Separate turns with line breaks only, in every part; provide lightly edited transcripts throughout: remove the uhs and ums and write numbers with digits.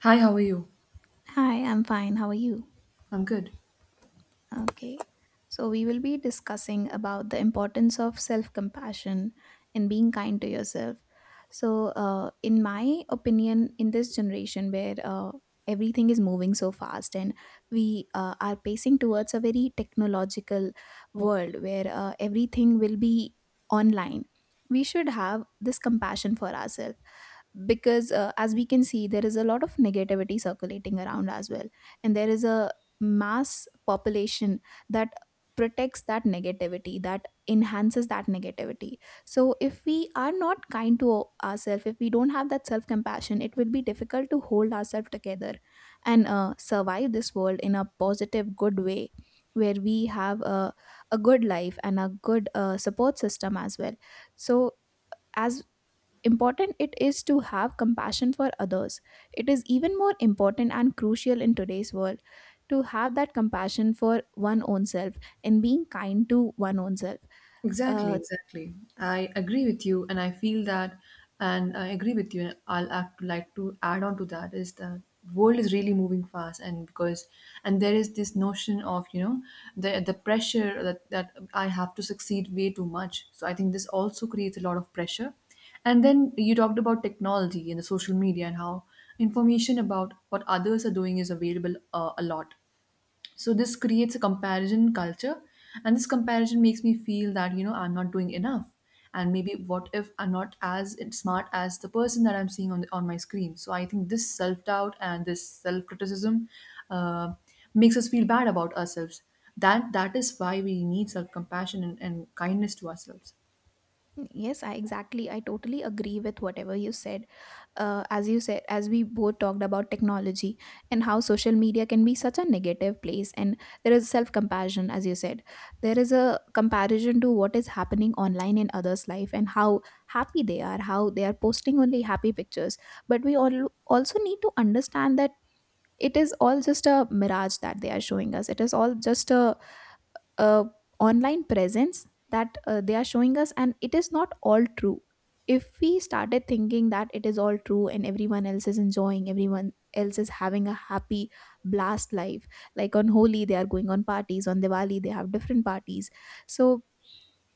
Hi, how are you?
Hi, I'm fine. How are you?
I'm good.
Okay. So, we will be discussing about the importance of self compassion and being kind to yourself. So, in my opinion, in this generation where everything is moving so fast and we are pacing towards a very technological world where everything will be online, we should have this compassion for ourselves because as we can see, there is a lot of negativity circulating around as well, and there is a mass population that protects that negativity, that enhances that negativity. So if we are not kind to ourselves, if we don't have that self compassion, it will be difficult to hold ourselves together and survive this world in a positive good way where we have a good life and a good support system as well. So as important it is to have compassion for others, it is even more important and crucial in today's world to have that compassion for one own self and being kind to one own self.
Exactly,
Uh,
exactly. I agree with you, and I feel that, and I agree with you. I'll act, like to add on to that is that world is really moving fast, and because and there is this notion of, you know, the pressure that I have to succeed way too much. So I think this also creates a lot of pressure. And then you talked about technology and the social media and how information about what others are doing is available, a lot. So this creates a comparison culture, and this comparison makes me feel that, you know, I'm not doing enough. And maybe what if I'm not as smart as the person that I'm seeing on my screen? So I think this self-doubt and this self-criticism uh, makes us feel bad about ourselves. That is why we need self-compassion and kindness to ourselves.
Yes, I exactly, I totally agree with whatever you said. As you said, as we both talked about technology and how social media can be such a negative place, and there is self compassion, as you said. There is a comparison to what is happening online in others' life and how happy they are, how they are posting only happy pictures. But we all also need to understand that it is all just a mirage that they are showing us. It is all just a uh, online presence that they are showing us, and it is not all true. If we started thinking that it is all true and everyone else is enjoying, everyone else is having a happy blast life, like on Holi they are going on parties, on Diwali they have different parties. So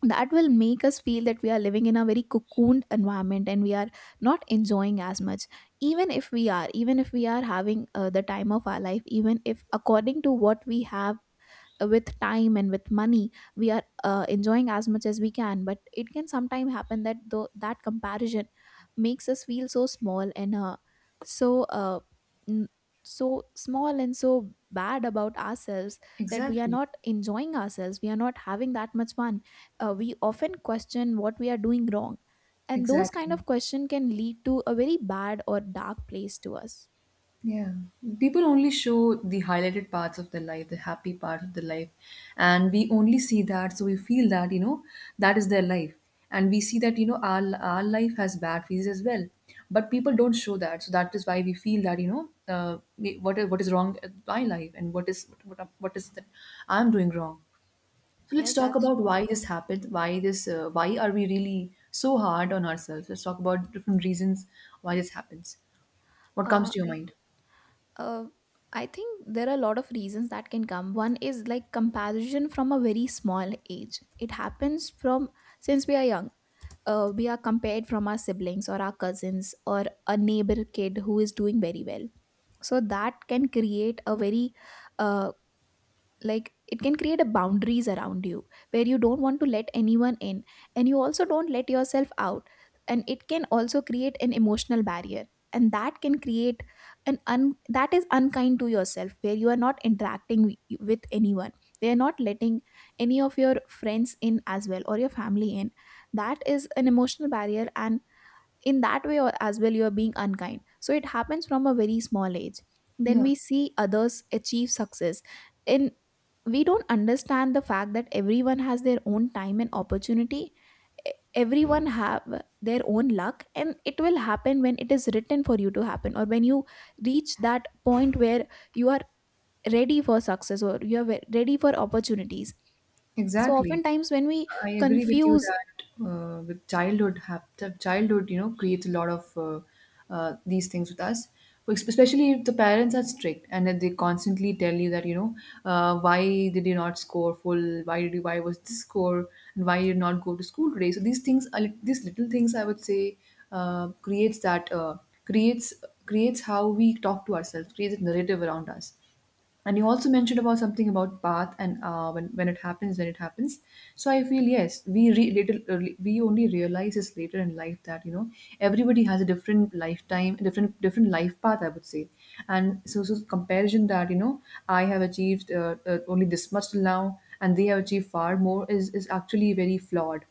that will make us feel that we are living in a very cocooned environment and we are not enjoying as much, even if we are, even if we are having the time of our life, even if according to what we have, with time and with money, we are enjoying as much as we can. But it can sometimes happen that though that comparison makes us feel so small and so uh, n- so small and so bad about ourselves, that we are
Exactly,
not enjoying ourselves, we are not having that much fun. We often question what we are doing wrong, and those kind
exactly.
of questions can lead to a very bad or dark place to us.
Yeah. People only show the highlighted parts of their life, the happy part of their life. And we only see that. So we feel that, that is their life. And we see that, our life has bad phases as well. But people don't show that. So that is why we feel that, you know, what is wrong with my life and what is that I'm doing wrong. So let's
Yes,
talk
that's
about
true.
why this happened. Why this? Why are we really so hard on ourselves? Let's talk about different reasons why this happens. What comes
Uh,
to your
I
mind?
uh, I think there are a lot of reasons that can come. One is like comparison from a very small age. It happens from since we are young. We are compared from our siblings or our cousins or a neighbor kid who is doing very well, so that can create a very uh, like it can create a boundaries around you where you don't want to let anyone in, and you also don't let yourself out. And it can also create an emotional barrier, and that can create that is unkind to yourself, where you are not interacting with anyone. They are not letting any of your friends in as well, or your family in. That is an emotional barrier, and in that way, as well, you are being unkind. So it happens from a very small age. Then
Yeah.
we see others achieve success, and we don't understand the fact that everyone has their own time and opportunity. E- Everyone have their own luck, and it will happen when it is written for you to happen, or when you reach that point where you are ready for success, or you are ready for opportunities. So
Exactly.
oftentimes when we
I agree with you
confuse.
that with the childhood, you know, creates a lot of these things with us. Like, especially if the parents are strict and that they constantly tell you that, you know, why did you not score full? Why was this score? And why you did not go to school today? So these things, these little things, I would say, creates that, creates creates how we talk to ourselves, creates a narrative around us. And you also mentioned about something about path and, when it happens, when it happens. So I feel yes little early, we only realize this later in life that, you know, everybody has a different lifetime, different life path, I would say. And so comparison that, you know, I have achieved only this much till now and they have achieved far more, is actually very flawed.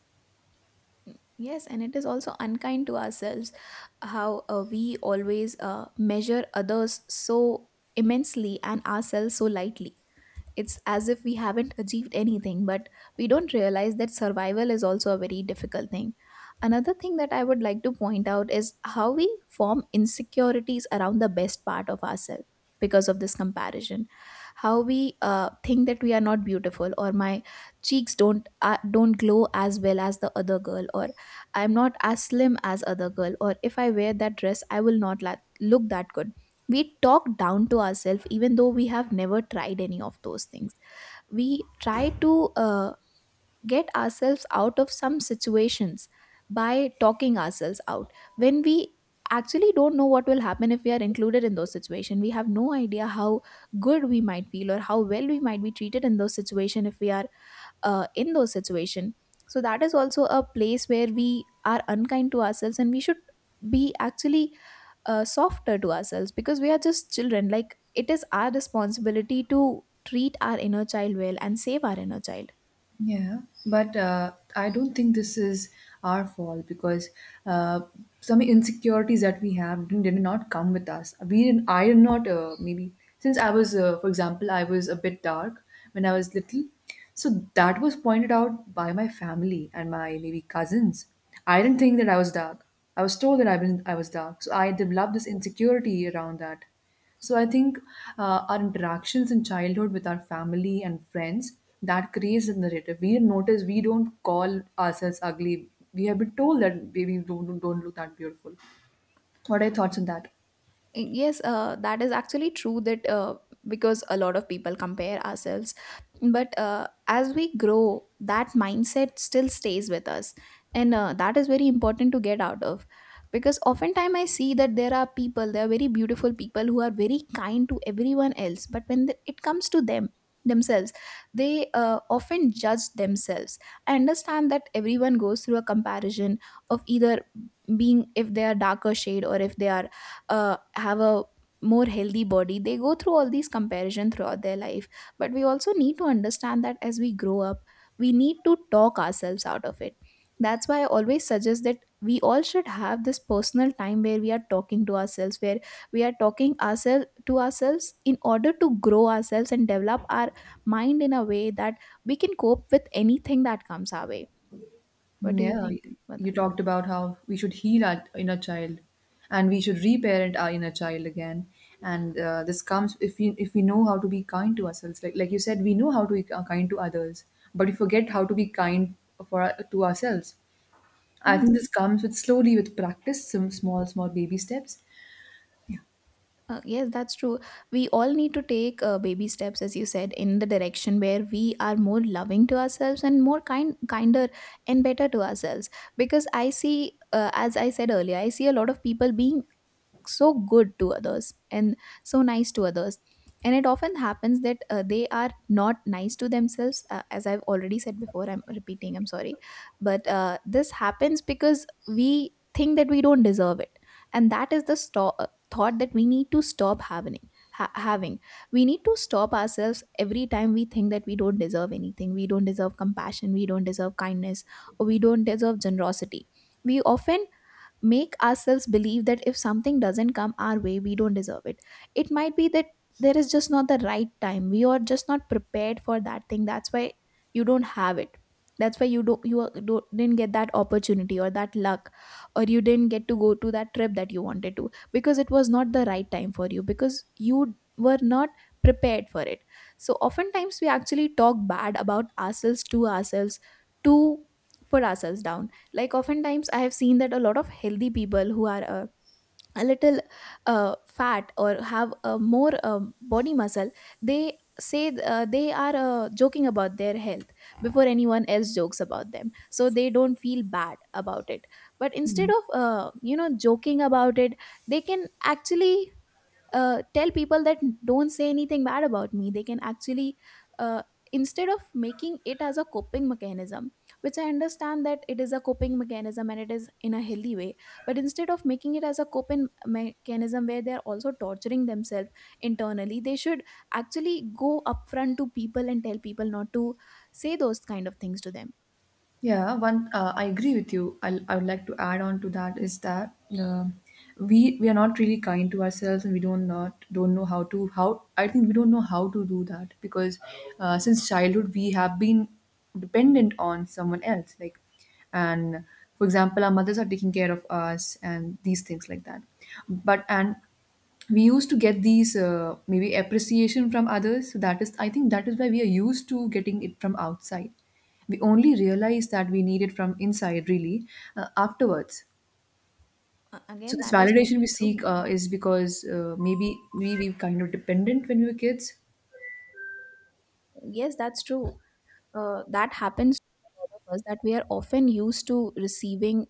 Yes, and it is also unkind to ourselves how we always measure others so immensely and ourselves so lightly. It's as if we haven't achieved anything, but we don't realize that survival is also a very difficult thing. Another thing that I would like to point out is how we form insecurities around the best part of ourselves because of this comparison. How we think that we are not beautiful, or my cheeks don't don't glow as well as the other girl, or I'm not as slim as other girl, or if I wear that dress, I will not look that good. We talk down to ourselves even though we have never tried any of those things. We try to uh, get ourselves out of some situations by talking ourselves out, when we actually don't know what will happen. If we are included in those situations, we have no idea how good we might feel or how well we might be treated in those situations, if we are in those situations. So that is also a place where we are unkind to ourselves, and we should be actually softer to ourselves, because we are just children. Like, it is our responsibility to treat our inner child well and save our inner child.
Yeah, but I don't think this is our fault, because uh, some insecurities that we have did not come with us. We didn't, I did not, maybe, since I was, for example, I was a bit dark when I was little. So that was pointed out by my family and my maybe cousins. I didn't think that I was dark. I was told that I was dark. So I developed this insecurity around that. So I think our interactions in childhood with our family and friends, that creates the narrative. We notice we don't call ourselves ugly. We have been told that baby don't look that beautiful. What are your thoughts on that?
Yes, that is actually true that because a lot of people compare ourselves. But as we grow, that mindset still stays with us. And that is very important to get out of. Because oftentimes I see that there are people, there are very beautiful people who are very kind to everyone else. But when it comes to them, themselves, they often judge themselves. I understand that everyone goes through a comparison of either being, if they are darker shade, or if they are have a more healthy body, they go through all these comparison throughout their life. But we also need to understand that as we grow up, we need to talk ourselves out of it. That's why I always suggest that we all should have this personal time where we are talking to ourselves, where we are talking ourselves to ourselves in order to grow ourselves and develop our mind in a way that we can cope with anything that comes our way. What do you
Yeah,
think
you
about
you
that?
talked about how we should heal our inner child, and we should reparent our inner child again. And this comes if we know how to be kind to ourselves. Like you said, we know how to be kind to others, but we forget how to be kind to ourselves. I
Hmm.
think this comes with slowly with practice, some small, small baby steps.
Yes, that's true. We all need to take baby steps, as you said, in the direction where we are more loving to ourselves and more kind, kinder, and better to ourselves. Because I see, as I said earlier, I see a lot of people being look so good to others and so nice to others, and it often happens that they are not nice to themselves. As I've already said before, I'm repeating, I'm sorry. But this happens because we think that we don't deserve it, and that is the thought that we need to stop having. We need to stop ourselves every time we think that we don't deserve anything, we don't deserve compassion, we don't deserve kindness, or we don't deserve generosity. We often make ourselves believe that if something doesn't come our way, we don't deserve it. It might be that there is just not the right time. We are just not prepared for that thing. That's why you don't have it. That's why you don't you are- don't, didn't get that opportunity or that luck, or you didn't get to go to that trip that you wanted to, because it was not the right time for you, because you were not prepared for it. So oftentimes we actually talk bad about ourselves to ourselves to put ourselves down. Like oftentimes I have seen that a lot of healthy people who are a little fat or have a more body muscle, they say they are joking about their health before anyone else jokes about them, so they don't feel bad about it. But instead of joking about it, they can actually tell people that don't say anything bad about me. They can actually, uh, instead of making it as a coping mechanism, which I understand that it is a coping mechanism and it is in a healthy way, but instead of making it as a coping mechanism where they are also torturing themselves internally, they should actually go upfront to people and tell people not to say those kind of things to them.
Yeah, one, I agree with you. I would like to add on to that is that uh, we are not really kind to ourselves, and we don't not don't know how to how I think we don't know how to do that because since childhood we have been dependent on someone else, like, and for example, our mothers are taking care of us and these things like that. But and we used to get these maybe appreciation from others, so that is, I think, that is why we are used to getting it from outside. We only realize that we need it from inside, really, afterwards.
Uh,
So
again
this
that is
validation we
very
seek
true.
is because, maybe we kind of dependent when we were kids.
Yes, that's true. That happens to a lot of us that we are often used to receiving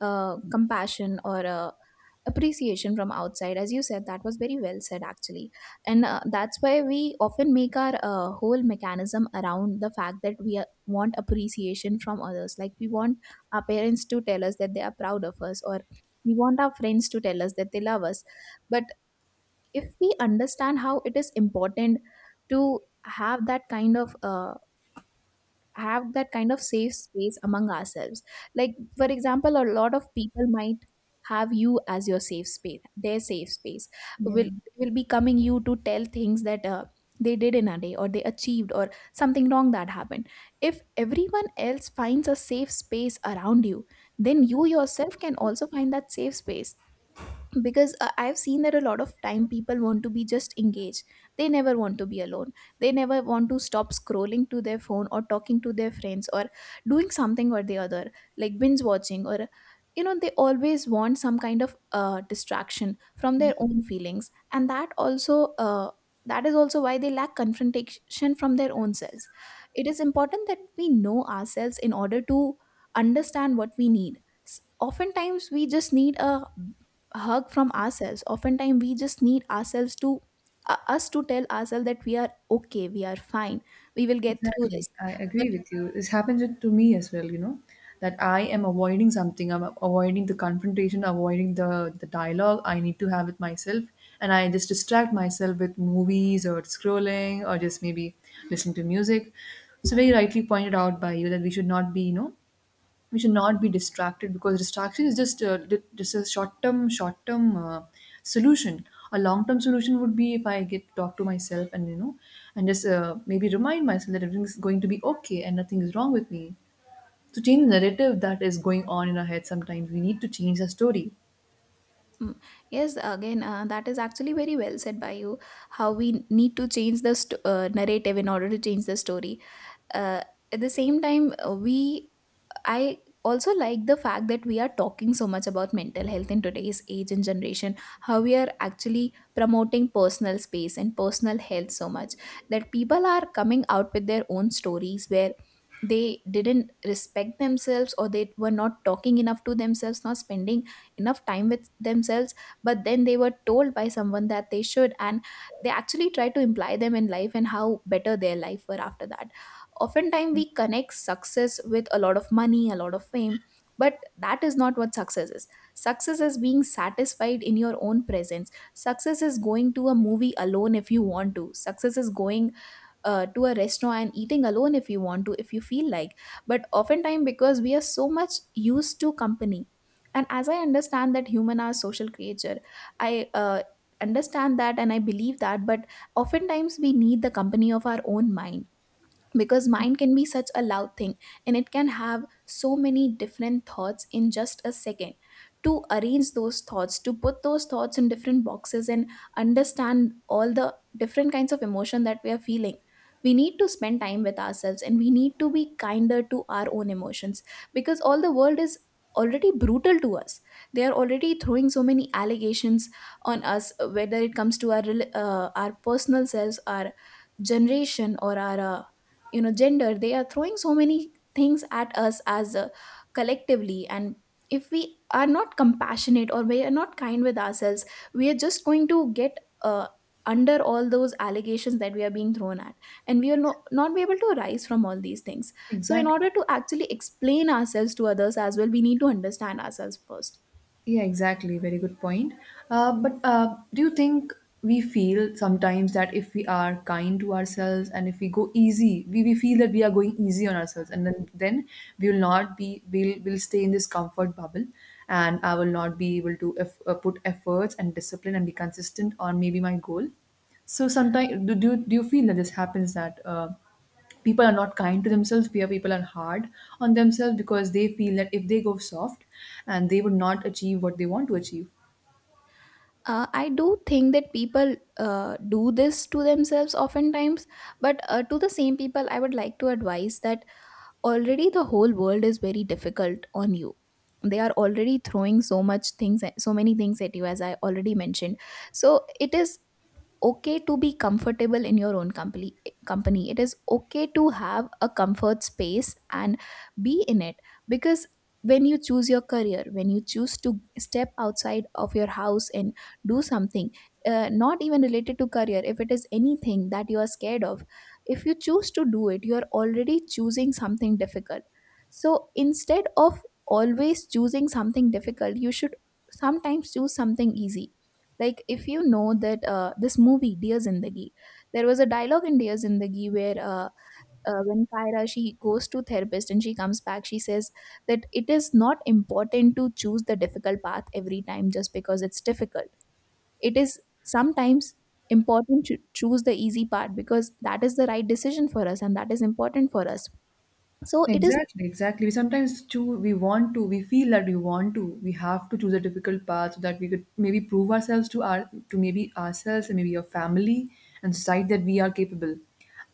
compassion or appreciation from outside, as you said. That was very well said actually. And that's why we often make our whole mechanism around the fact that we want appreciation from others, like we want our parents to tell us that they are proud of us, or we want our friends to tell us that they love us. But if we understand how it is important to have that kind of safe space among ourselves, like for example a lot of people might have you as your safe space their safe space.
Yeah.
Will will be coming you to tell things that they did in a day, or they achieved, or something wrong that happened. If everyone else finds a safe space around you, then you yourself can also find that safe space, because I've seen that a lot of time people want to be just engaged. They never want to be alone. They never want to stop scrolling to their phone or talking to their friends or doing something or the other, like binge watching, or they always want some kind of distraction from their own feelings. And that is also why they lack confrontation from their own selves. It is important that we know ourselves in order to understand what we need. Oftentimes we just need a hug from ourselves. Oftentimes we just need ourselves to us to tell ourselves that we are okay, we are fine, we will get through
Exactly.
this.
I
but
agree with you. This happens to me as well, you know, that I am avoiding something. I'm avoiding the confrontation, avoiding the dialogue I need to have with myself. And I just distract myself with movies or scrolling or just maybe listening to music. So, very rightly pointed out by you that we should not be, you know, we should not be distracted because distraction is just just a short term, short term solution. A long term solution would be if I get to talk to myself, and, you know, and just maybe remind myself that everything is going to be okay and nothing is wrong with me. To change the narrative that is going on in our head, sometimes we need to change the story.
mm, yes, again, that is actually very well said by you, how we need to change the narrative in order to change the story. uh, at the same time, we I also like the fact that we are talking so much about mental health in today's age and generation, how we are actually promoting personal space and personal health so much that people are coming out with their own stories where they didn't respect themselves or they were not talking enough to themselves, not spending enough time with themselves, but then they were told by someone that they should, and they actually try to imply them in life, and how better their life were after that. Oftentimes we connect success with a lot of money, a lot of fame, but that is not what success is. Success is being satisfied in your own presence. Success is going to a movie alone if you want to. Success is going to a restaurant and eating alone if you want to, if you feel like. But oftentimes, because we are so much used to company, and as I understand that human are social creature, I understand that and I believe that. But oftentimes we need the company of our own mind, because mind can be such a loud thing, and it can have so many different thoughts in just a second. To arrange those thoughts, to put those thoughts in different boxes and understand all the different kinds of emotion that we are feeling, we need to spend time with ourselves, and we need to be kinder to our own emotions. Because all the world is already brutal to us. They are already throwing so many allegations on us, whether it comes to our our personal selves, our generation, or our gender. They are throwing so many things at us as a collectively, and if we are not compassionate, or we are not kind with ourselves, we are just going to get under all those allegations that we are being thrown at, and we will not be able to rise from all these things. So in
Exactly.
order to actually explain ourselves to others as well, we need to understand ourselves first.
Yeah, exactly. Very good point. But do you think we feel sometimes that if we are kind to ourselves and if we go easy, we feel that we are going easy on ourselves, and then we will not be, we'll will stay in this comfort bubble, and I will not be able to put efforts and discipline and be consistent on maybe my goal. So sometimes do you feel that this happens that, people are not kind to themselves, peer people are hard on themselves because they feel that if they go soft and they would not achieve what they want to achieve?
I do think that people do this to themselves oftentimes, but to the same people I would like to advise that already the whole world is very difficult on you. They are already throwing so many things at you, as I already mentioned. So it is okay to be comfortable in your own company. It is okay to have a comfort space and be in it, because when you choose your career, when you choose to step outside of your house and do something, not even related to career, if it is anything that you are scared of, if you choose to do it, you are already choosing something difficult. So instead of always choosing something difficult, you should sometimes choose something easy. Like if you know that, this movie Dear Zindagi, there was a dialogue in Dear Zindagi where, when Kaira, she goes to therapist and she comes back, she says that it is not important to choose the difficult path every time just because it's difficult. It is sometimes important to choose the easy part because that is the right decision for us and that is important for us, so it is.
Exactly, exactly, we sometimes choose, we feel that we want to, we have to choose a difficult path so that we could maybe prove ourselves to our, to maybe ourselves and maybe our family and society that we are capable.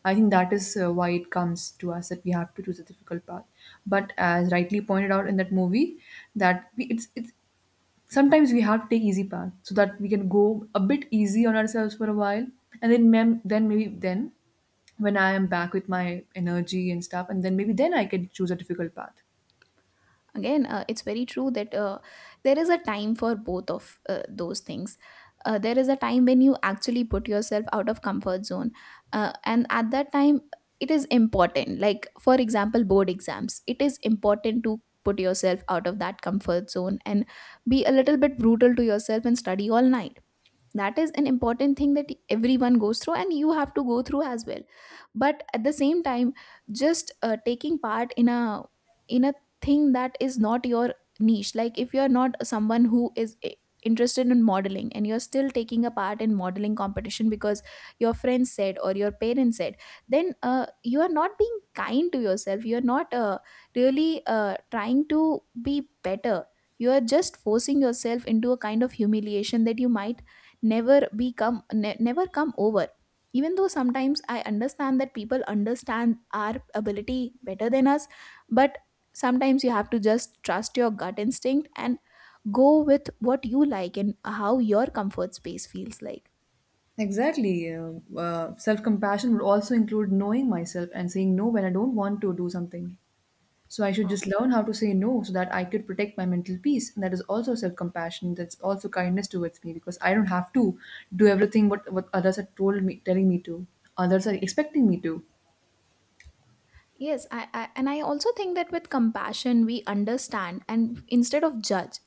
I think that is why it comes to us that we have to choose a difficult path. But as rightly pointed out in that movie, it's sometimes we have to take easy path so that we can go a bit easy on ourselves for a while, and then maybe then when I am back with my energy and stuff, and then maybe then I can choose a difficult path.
Again, it's very true that, there is a time for both of those things. There is a time when you actually put yourself out of comfort zone, and at that time it is important, like for example board exams, it is important to put yourself out of that comfort zone and be a little bit brutal to yourself and study all night. That is an important thing that everyone goes through and you have to go through as well. But at the same time, just taking part in a in a thing that is not your niche, like if you're not someone who is interested in modeling and you're still taking a part in modeling competition because your friends said or your parents said, then you are not being kind to yourself, you're not really trying to be better. You are just forcing yourself into a kind of humiliation that you might never become ne- never come over. Even though sometimes I understand that people understand our ability better than us, but sometimes you have to just trust your gut instinct and go with what you like and how your comfort space feels like.
Exactly. Self-compassion would also include knowing myself and saying no when I don't want to do something. So I should just learn how to say no so that I could protect my mental peace, and that is also self-compassion. That's also kindness towards me, because I don't have to do everything what others are told me telling me to, others are expecting me to.
Yes, I and I also think that with compassion we understand and instead of judge.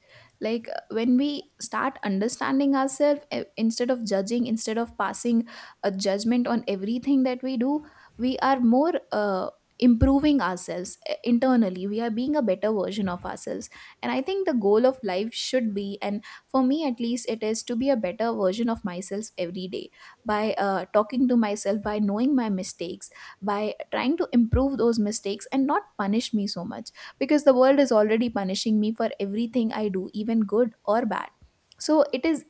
Like, when we start understanding ourselves, instead of judging, instead of passing a judgment on everything that we do, we are more improving ourselves, internally. We are being a better version of ourselves. And I think the goal of life should be, and for me at least, it is to be a better version of myself every day by talking to myself, by knowing my mistakes, by trying to improve those mistakes and not punish me so much, because the world is already punishing me for everything I do, even good or bad. So it is,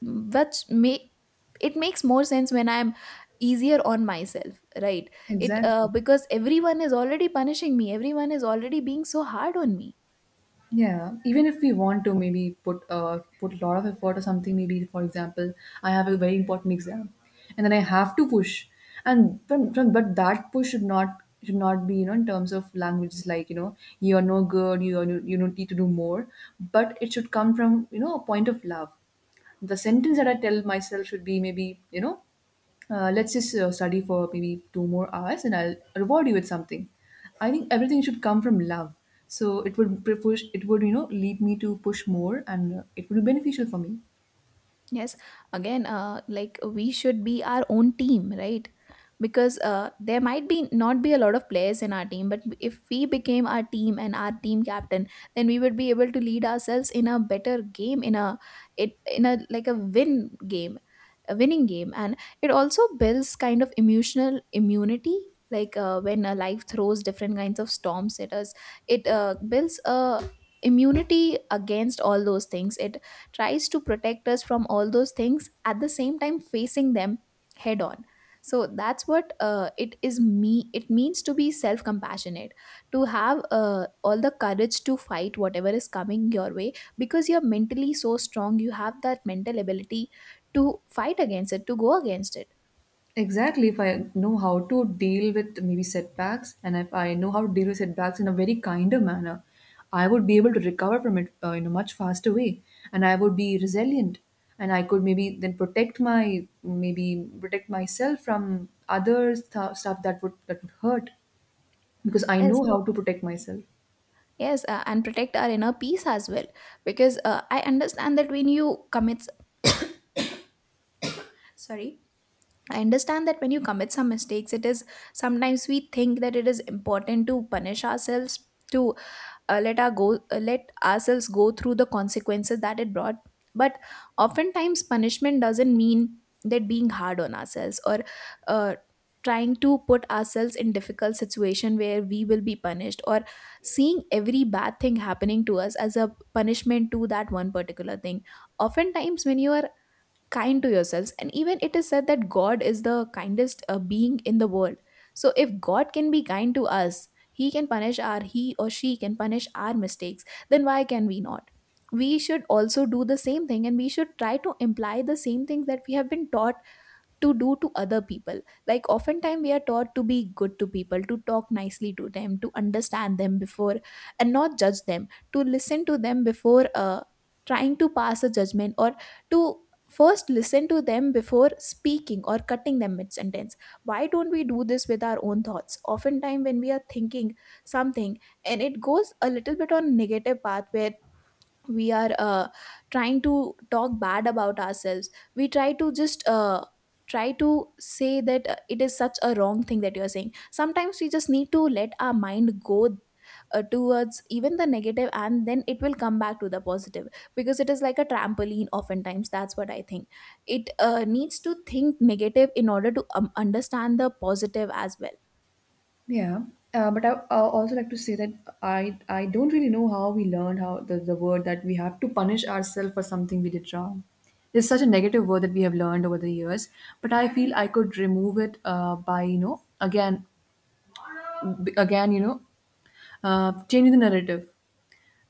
which may it makes more sense when I'm easier on myself, right? It
Exactly.
Because everyone is already punishing me, everyone is already being so hard on me.
Yeah. Even if we want to maybe put put a lot of effort or something, maybe for example, I have a very important exam and then I have to push. And from but that push should not be, you know, in terms of languages like, you know, you are no good, you are you don't need to do more. But it should come from, you know, a point of love. The sentence that I tell myself should be maybe, you know, let's just study for maybe two more hours and I'll reward you with something. I think everything should come from love. So it would push, it would, you know, lead me to push more, and it would be beneficial for me.
Yes, again, like we should be our own team, right? Because there might be not be a lot of players in our team, but if we became our team and our team captain, then we would be able to lead ourselves in a better game, in a it in a like a a winning game, and it also builds kind of emotional immunity. Like, when life throws different kinds of storms at us, it builds a immunity against all those things. It tries to protect us from all those things, at the same time facing them head on. So that's what it is me it means to be self compassionate, to have all the courage to fight whatever is coming your way, because you're mentally so strong, you have that mental ability to fight against it, to go against it.
Exactly. If I know how to deal with maybe setbacks, and if I know how to deal with setbacks in a very kinder manner, I would be able to recover from it in a much faster way, and I would be resilient, and I could maybe then protect my, maybe protect myself from other stuff that would hurt, because I
Yes.
know how to protect myself.
Yes, and protect our inner peace as well. Because I understand that when you commit, sorry, I understand that when you commit some mistakes, it is sometimes we think that it is important to punish ourselves, to let ourselves go through the consequences that it brought, but oftentimes punishment doesn't mean that being hard on ourselves or uh, trying to put ourselves in difficult situation where we will be punished, or seeing every bad thing happening to us as a punishment to that one particular thing. Oftentimes when you are kind to yourselves, and even it is said that god is the kindest being in the world, so if god can be kind to us, he can punish our, he or she can punish our mistakes, then why can we not? We should also do the same thing and we should try to imply the same things that we have been taught to do to other people. Like oftentimes we are taught to be good to people, to talk nicely to them, to understand them before and not judge them, to listen to them before trying to pass a judgment, or to first listen to them before speaking or cutting them mid sentence. Why don't we do this with our own thoughts? Oftentimes when we are thinking something and it goes a little bit on negative path where we are trying to talk bad about ourselves, we try to just try to say that it is such a wrong thing that you are saying. Sometimes we just need to let our mind go towards even the negative, and then it will come back to the positive, because it is like a trampoline. Oftentimes that's what I think, it needs to think negative in order to understand the positive as
Yeah, but I also like to say that I don't really know how we learned how the word that we have to punish ourselves for something we did wrong. It's such a negative word that we have learned over the years, but I feel I could remove it, by, you know, again, b- again you know changing the narrative.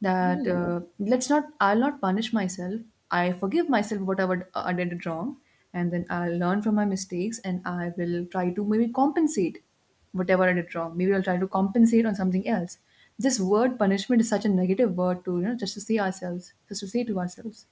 That
well.
Let's not, I'll not punish myself. I forgive myself whatever I did wrong, and then I'll learn from my mistakes, and I will try to maybe compensate whatever I did wrong. Maybe I'll try to compensate on something else. This word punishment is such a negative word to, you know, just to say to ourselves.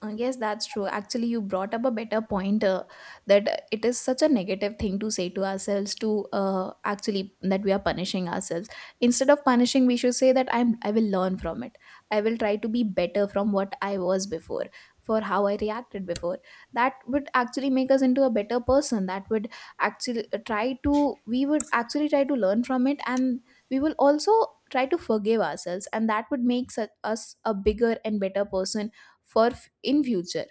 Yes, that's true. Actually, you brought up a better point, that it is such a negative thing to say to ourselves, to actually that we are punishing ourselves. Instead of punishing, we should say that I will learn from it. I will try to be better from what I was before, for how I reacted before. That would actually make us into a better person. That would actually try to we would actually try to learn from it, and we will also try to forgive ourselves, and that would make us a bigger and better person for in future,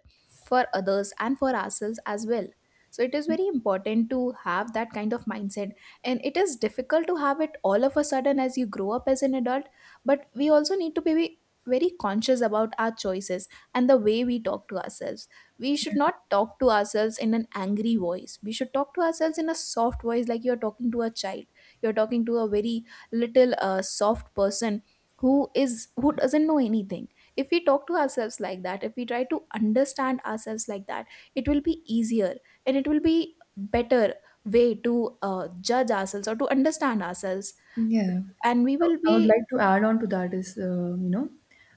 for others and for ourselves as well. So it is very important to have that kind of mindset, and it is difficult to have it all of a sudden as you grow up as an adult. But we also need to be very conscious about our choices and the way we talk to ourselves. We should not talk to ourselves in an angry voice, we should talk to ourselves in a soft voice, like you're talking to a child. You're talking to a very little soft person, who is who doesn't know anything. If we talk to ourselves like that, if we try to understand ourselves like that, it will be easier and it will be better way to judge ourselves or to understand ourselves,
Yeah.
and we will
I would
be.
like to add on to that is, you know,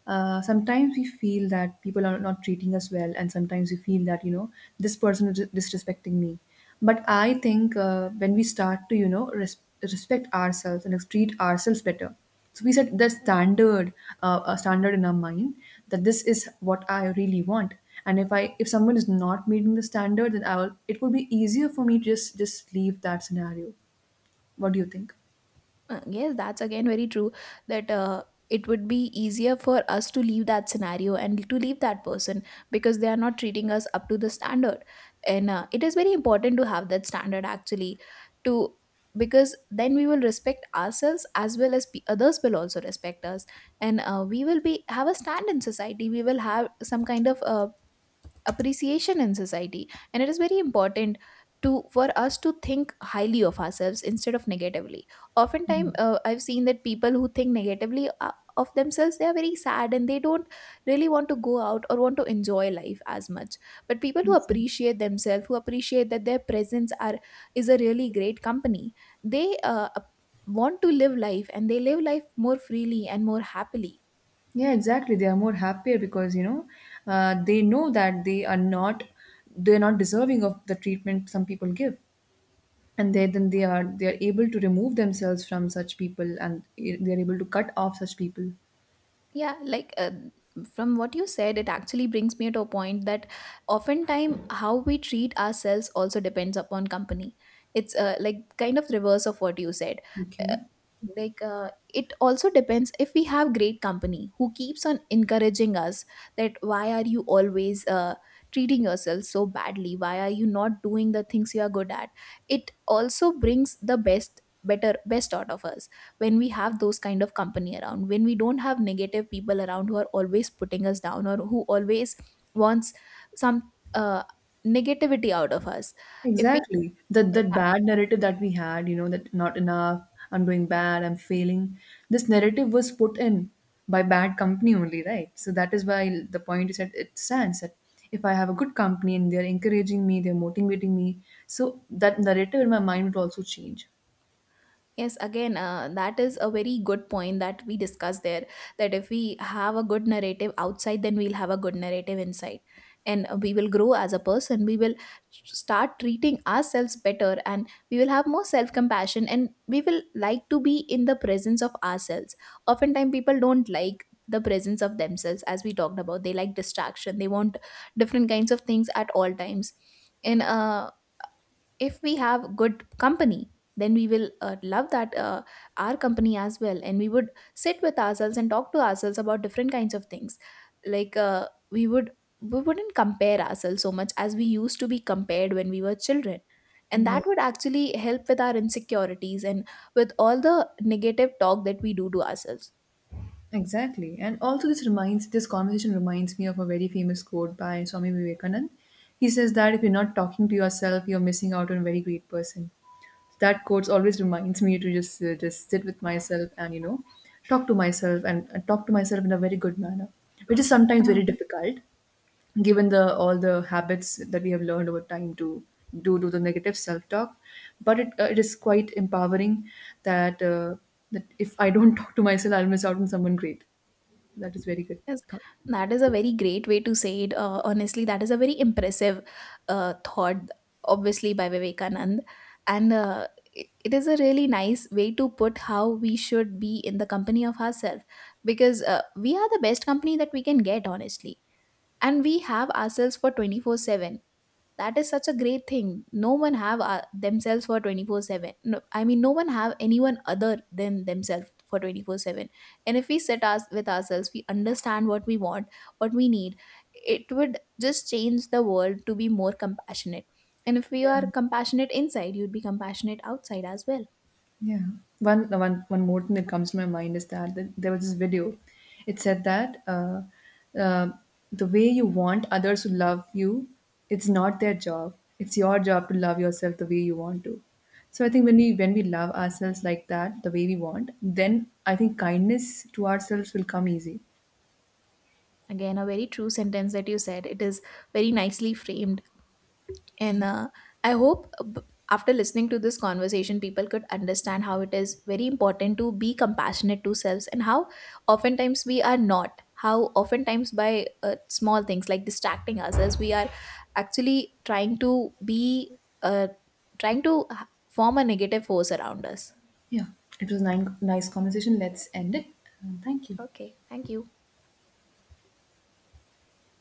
sometimes we feel that people are not treating us well, and sometimes we feel that, you know, this person is disrespecting me. But I think when we start to, you know, respect ourselves and treat ourselves better, so we set the standard, a standard in our mind that this is what I really want. And if someone is not meeting the standard, then I will. It would be easier for me to just leave that scenario. What do you think?
Yes, that's again very true, that it would be easier for us to leave that scenario and to leave that person, because they are not treating us up to the standard. And it is very important to have that standard actually, to, because then we will respect ourselves, as well as others will also respect us. And we will be have a stand in society, we will have some kind of appreciation in society, and it is very important to, for us to think highly of ourselves instead of negatively. Oftentimes I've seen that people who think negatively of themselves, they are very sad and they don't really want to go out or want to enjoy life as much. But people who
Exactly.
appreciate themselves, who appreciate that their presence are, is a really great company, they want to live life, and they live life more freely and more happily.
Yeah, exactly. They are more happier because, you know, they know that they are not, they're not deserving of the treatment some people give, and they then they are able to remove themselves from such people, and they are able to cut off such people.
Yeah, like from what you said, it actually brings me to a point that oftentimes how we treat ourselves also depends upon company. It's like kind of reverse of what you said. Uh,
Okay.
like it also depends if we have great company who keeps on encouraging us that why are you always treating yourself so badly? Why are you not doing the things you are good at? It also brings the best out of us when we have those kind of company around, when we don't have negative people around who are always putting us down, or who always wants some negativity out of us, if we.
Exactly. That bad narrative that we had, you know, that not enough, I'm doing bad, I'm failing. This narrative was put in by bad company only, right? So that is why the point is that it stands that if I have a good company and they're encouraging me, they're motivating me, so that narrative in my mind would also change.
Yes, again, that is a very good point that we discussed there. That if we have a good narrative outside, then we'll have a good narrative inside. And we will grow as a person. We will start treating ourselves better, and we will have more self compassion, and we will like to be in the presence of ourselves. Oftentimes, people don't like the presence of themselves, as we talked about. They like distraction, they want different kinds of things at all times. And if we have good company, then we will love that our company as well, and we would sit with ourselves and talk to ourselves about different kinds of things. Like we wouldn't compare ourselves so much as we used to be compared when we were children, and
Yeah,
that would actually help with our insecurities and with all the negative talk that we do to ourselves.
exactly. And also, this conversation reminds me of a very famous quote by Swami Vivekanand. He says that if you're not talking to yourself, you're missing out on a very great person. That quote always reminds me to just, just sit with myself and, you know, talk to myself and talk to myself in a very good manner, which is sometimes very difficult given the all the habits that we have learned over time to do to the negative self talk. But it, it is quite empowering that that if I don't talk to myself, I'll miss out on someone great. That is very good
Yes,
thought.
that is a very great way to say it. Honestly, that is a very impressive thought, obviously, by Vivekanand. And it is a really nice way to put how we should be in the company of ourselves, because we are the best company that we can get, honestly. And we have ourselves for 24/7. That is such a great thing, no one have themselves for 24/7. No, I mean no one have anyone other than themselves for 24/7. And if we sit us with ourselves, we understand what we want, what we need. It would just change the world to be more compassionate, and if we
Yeah.
are compassionate inside, you'd be compassionate outside as well.
Yeah. One more thing that comes to my mind is that there was this video. It said that uh, the way you want others to love you, it's not their job. It's your job to love yourself the way you want to. So I think when we love ourselves like that, the way we want, then I think kindness to ourselves will come easy.
Again, a very true sentence that you said, it is very nicely framed. And I hope after listening to this conversation, people could understand how it is very important to be compassionate to selves, and how oftentimes we are not. How oftentimes by small things like distracting ourselves, we are actually trying to be, uh, trying to form a negative force around us.
Yeah. It was nine, nice conversation. Let's end it. Thank you.
Okay, thank you.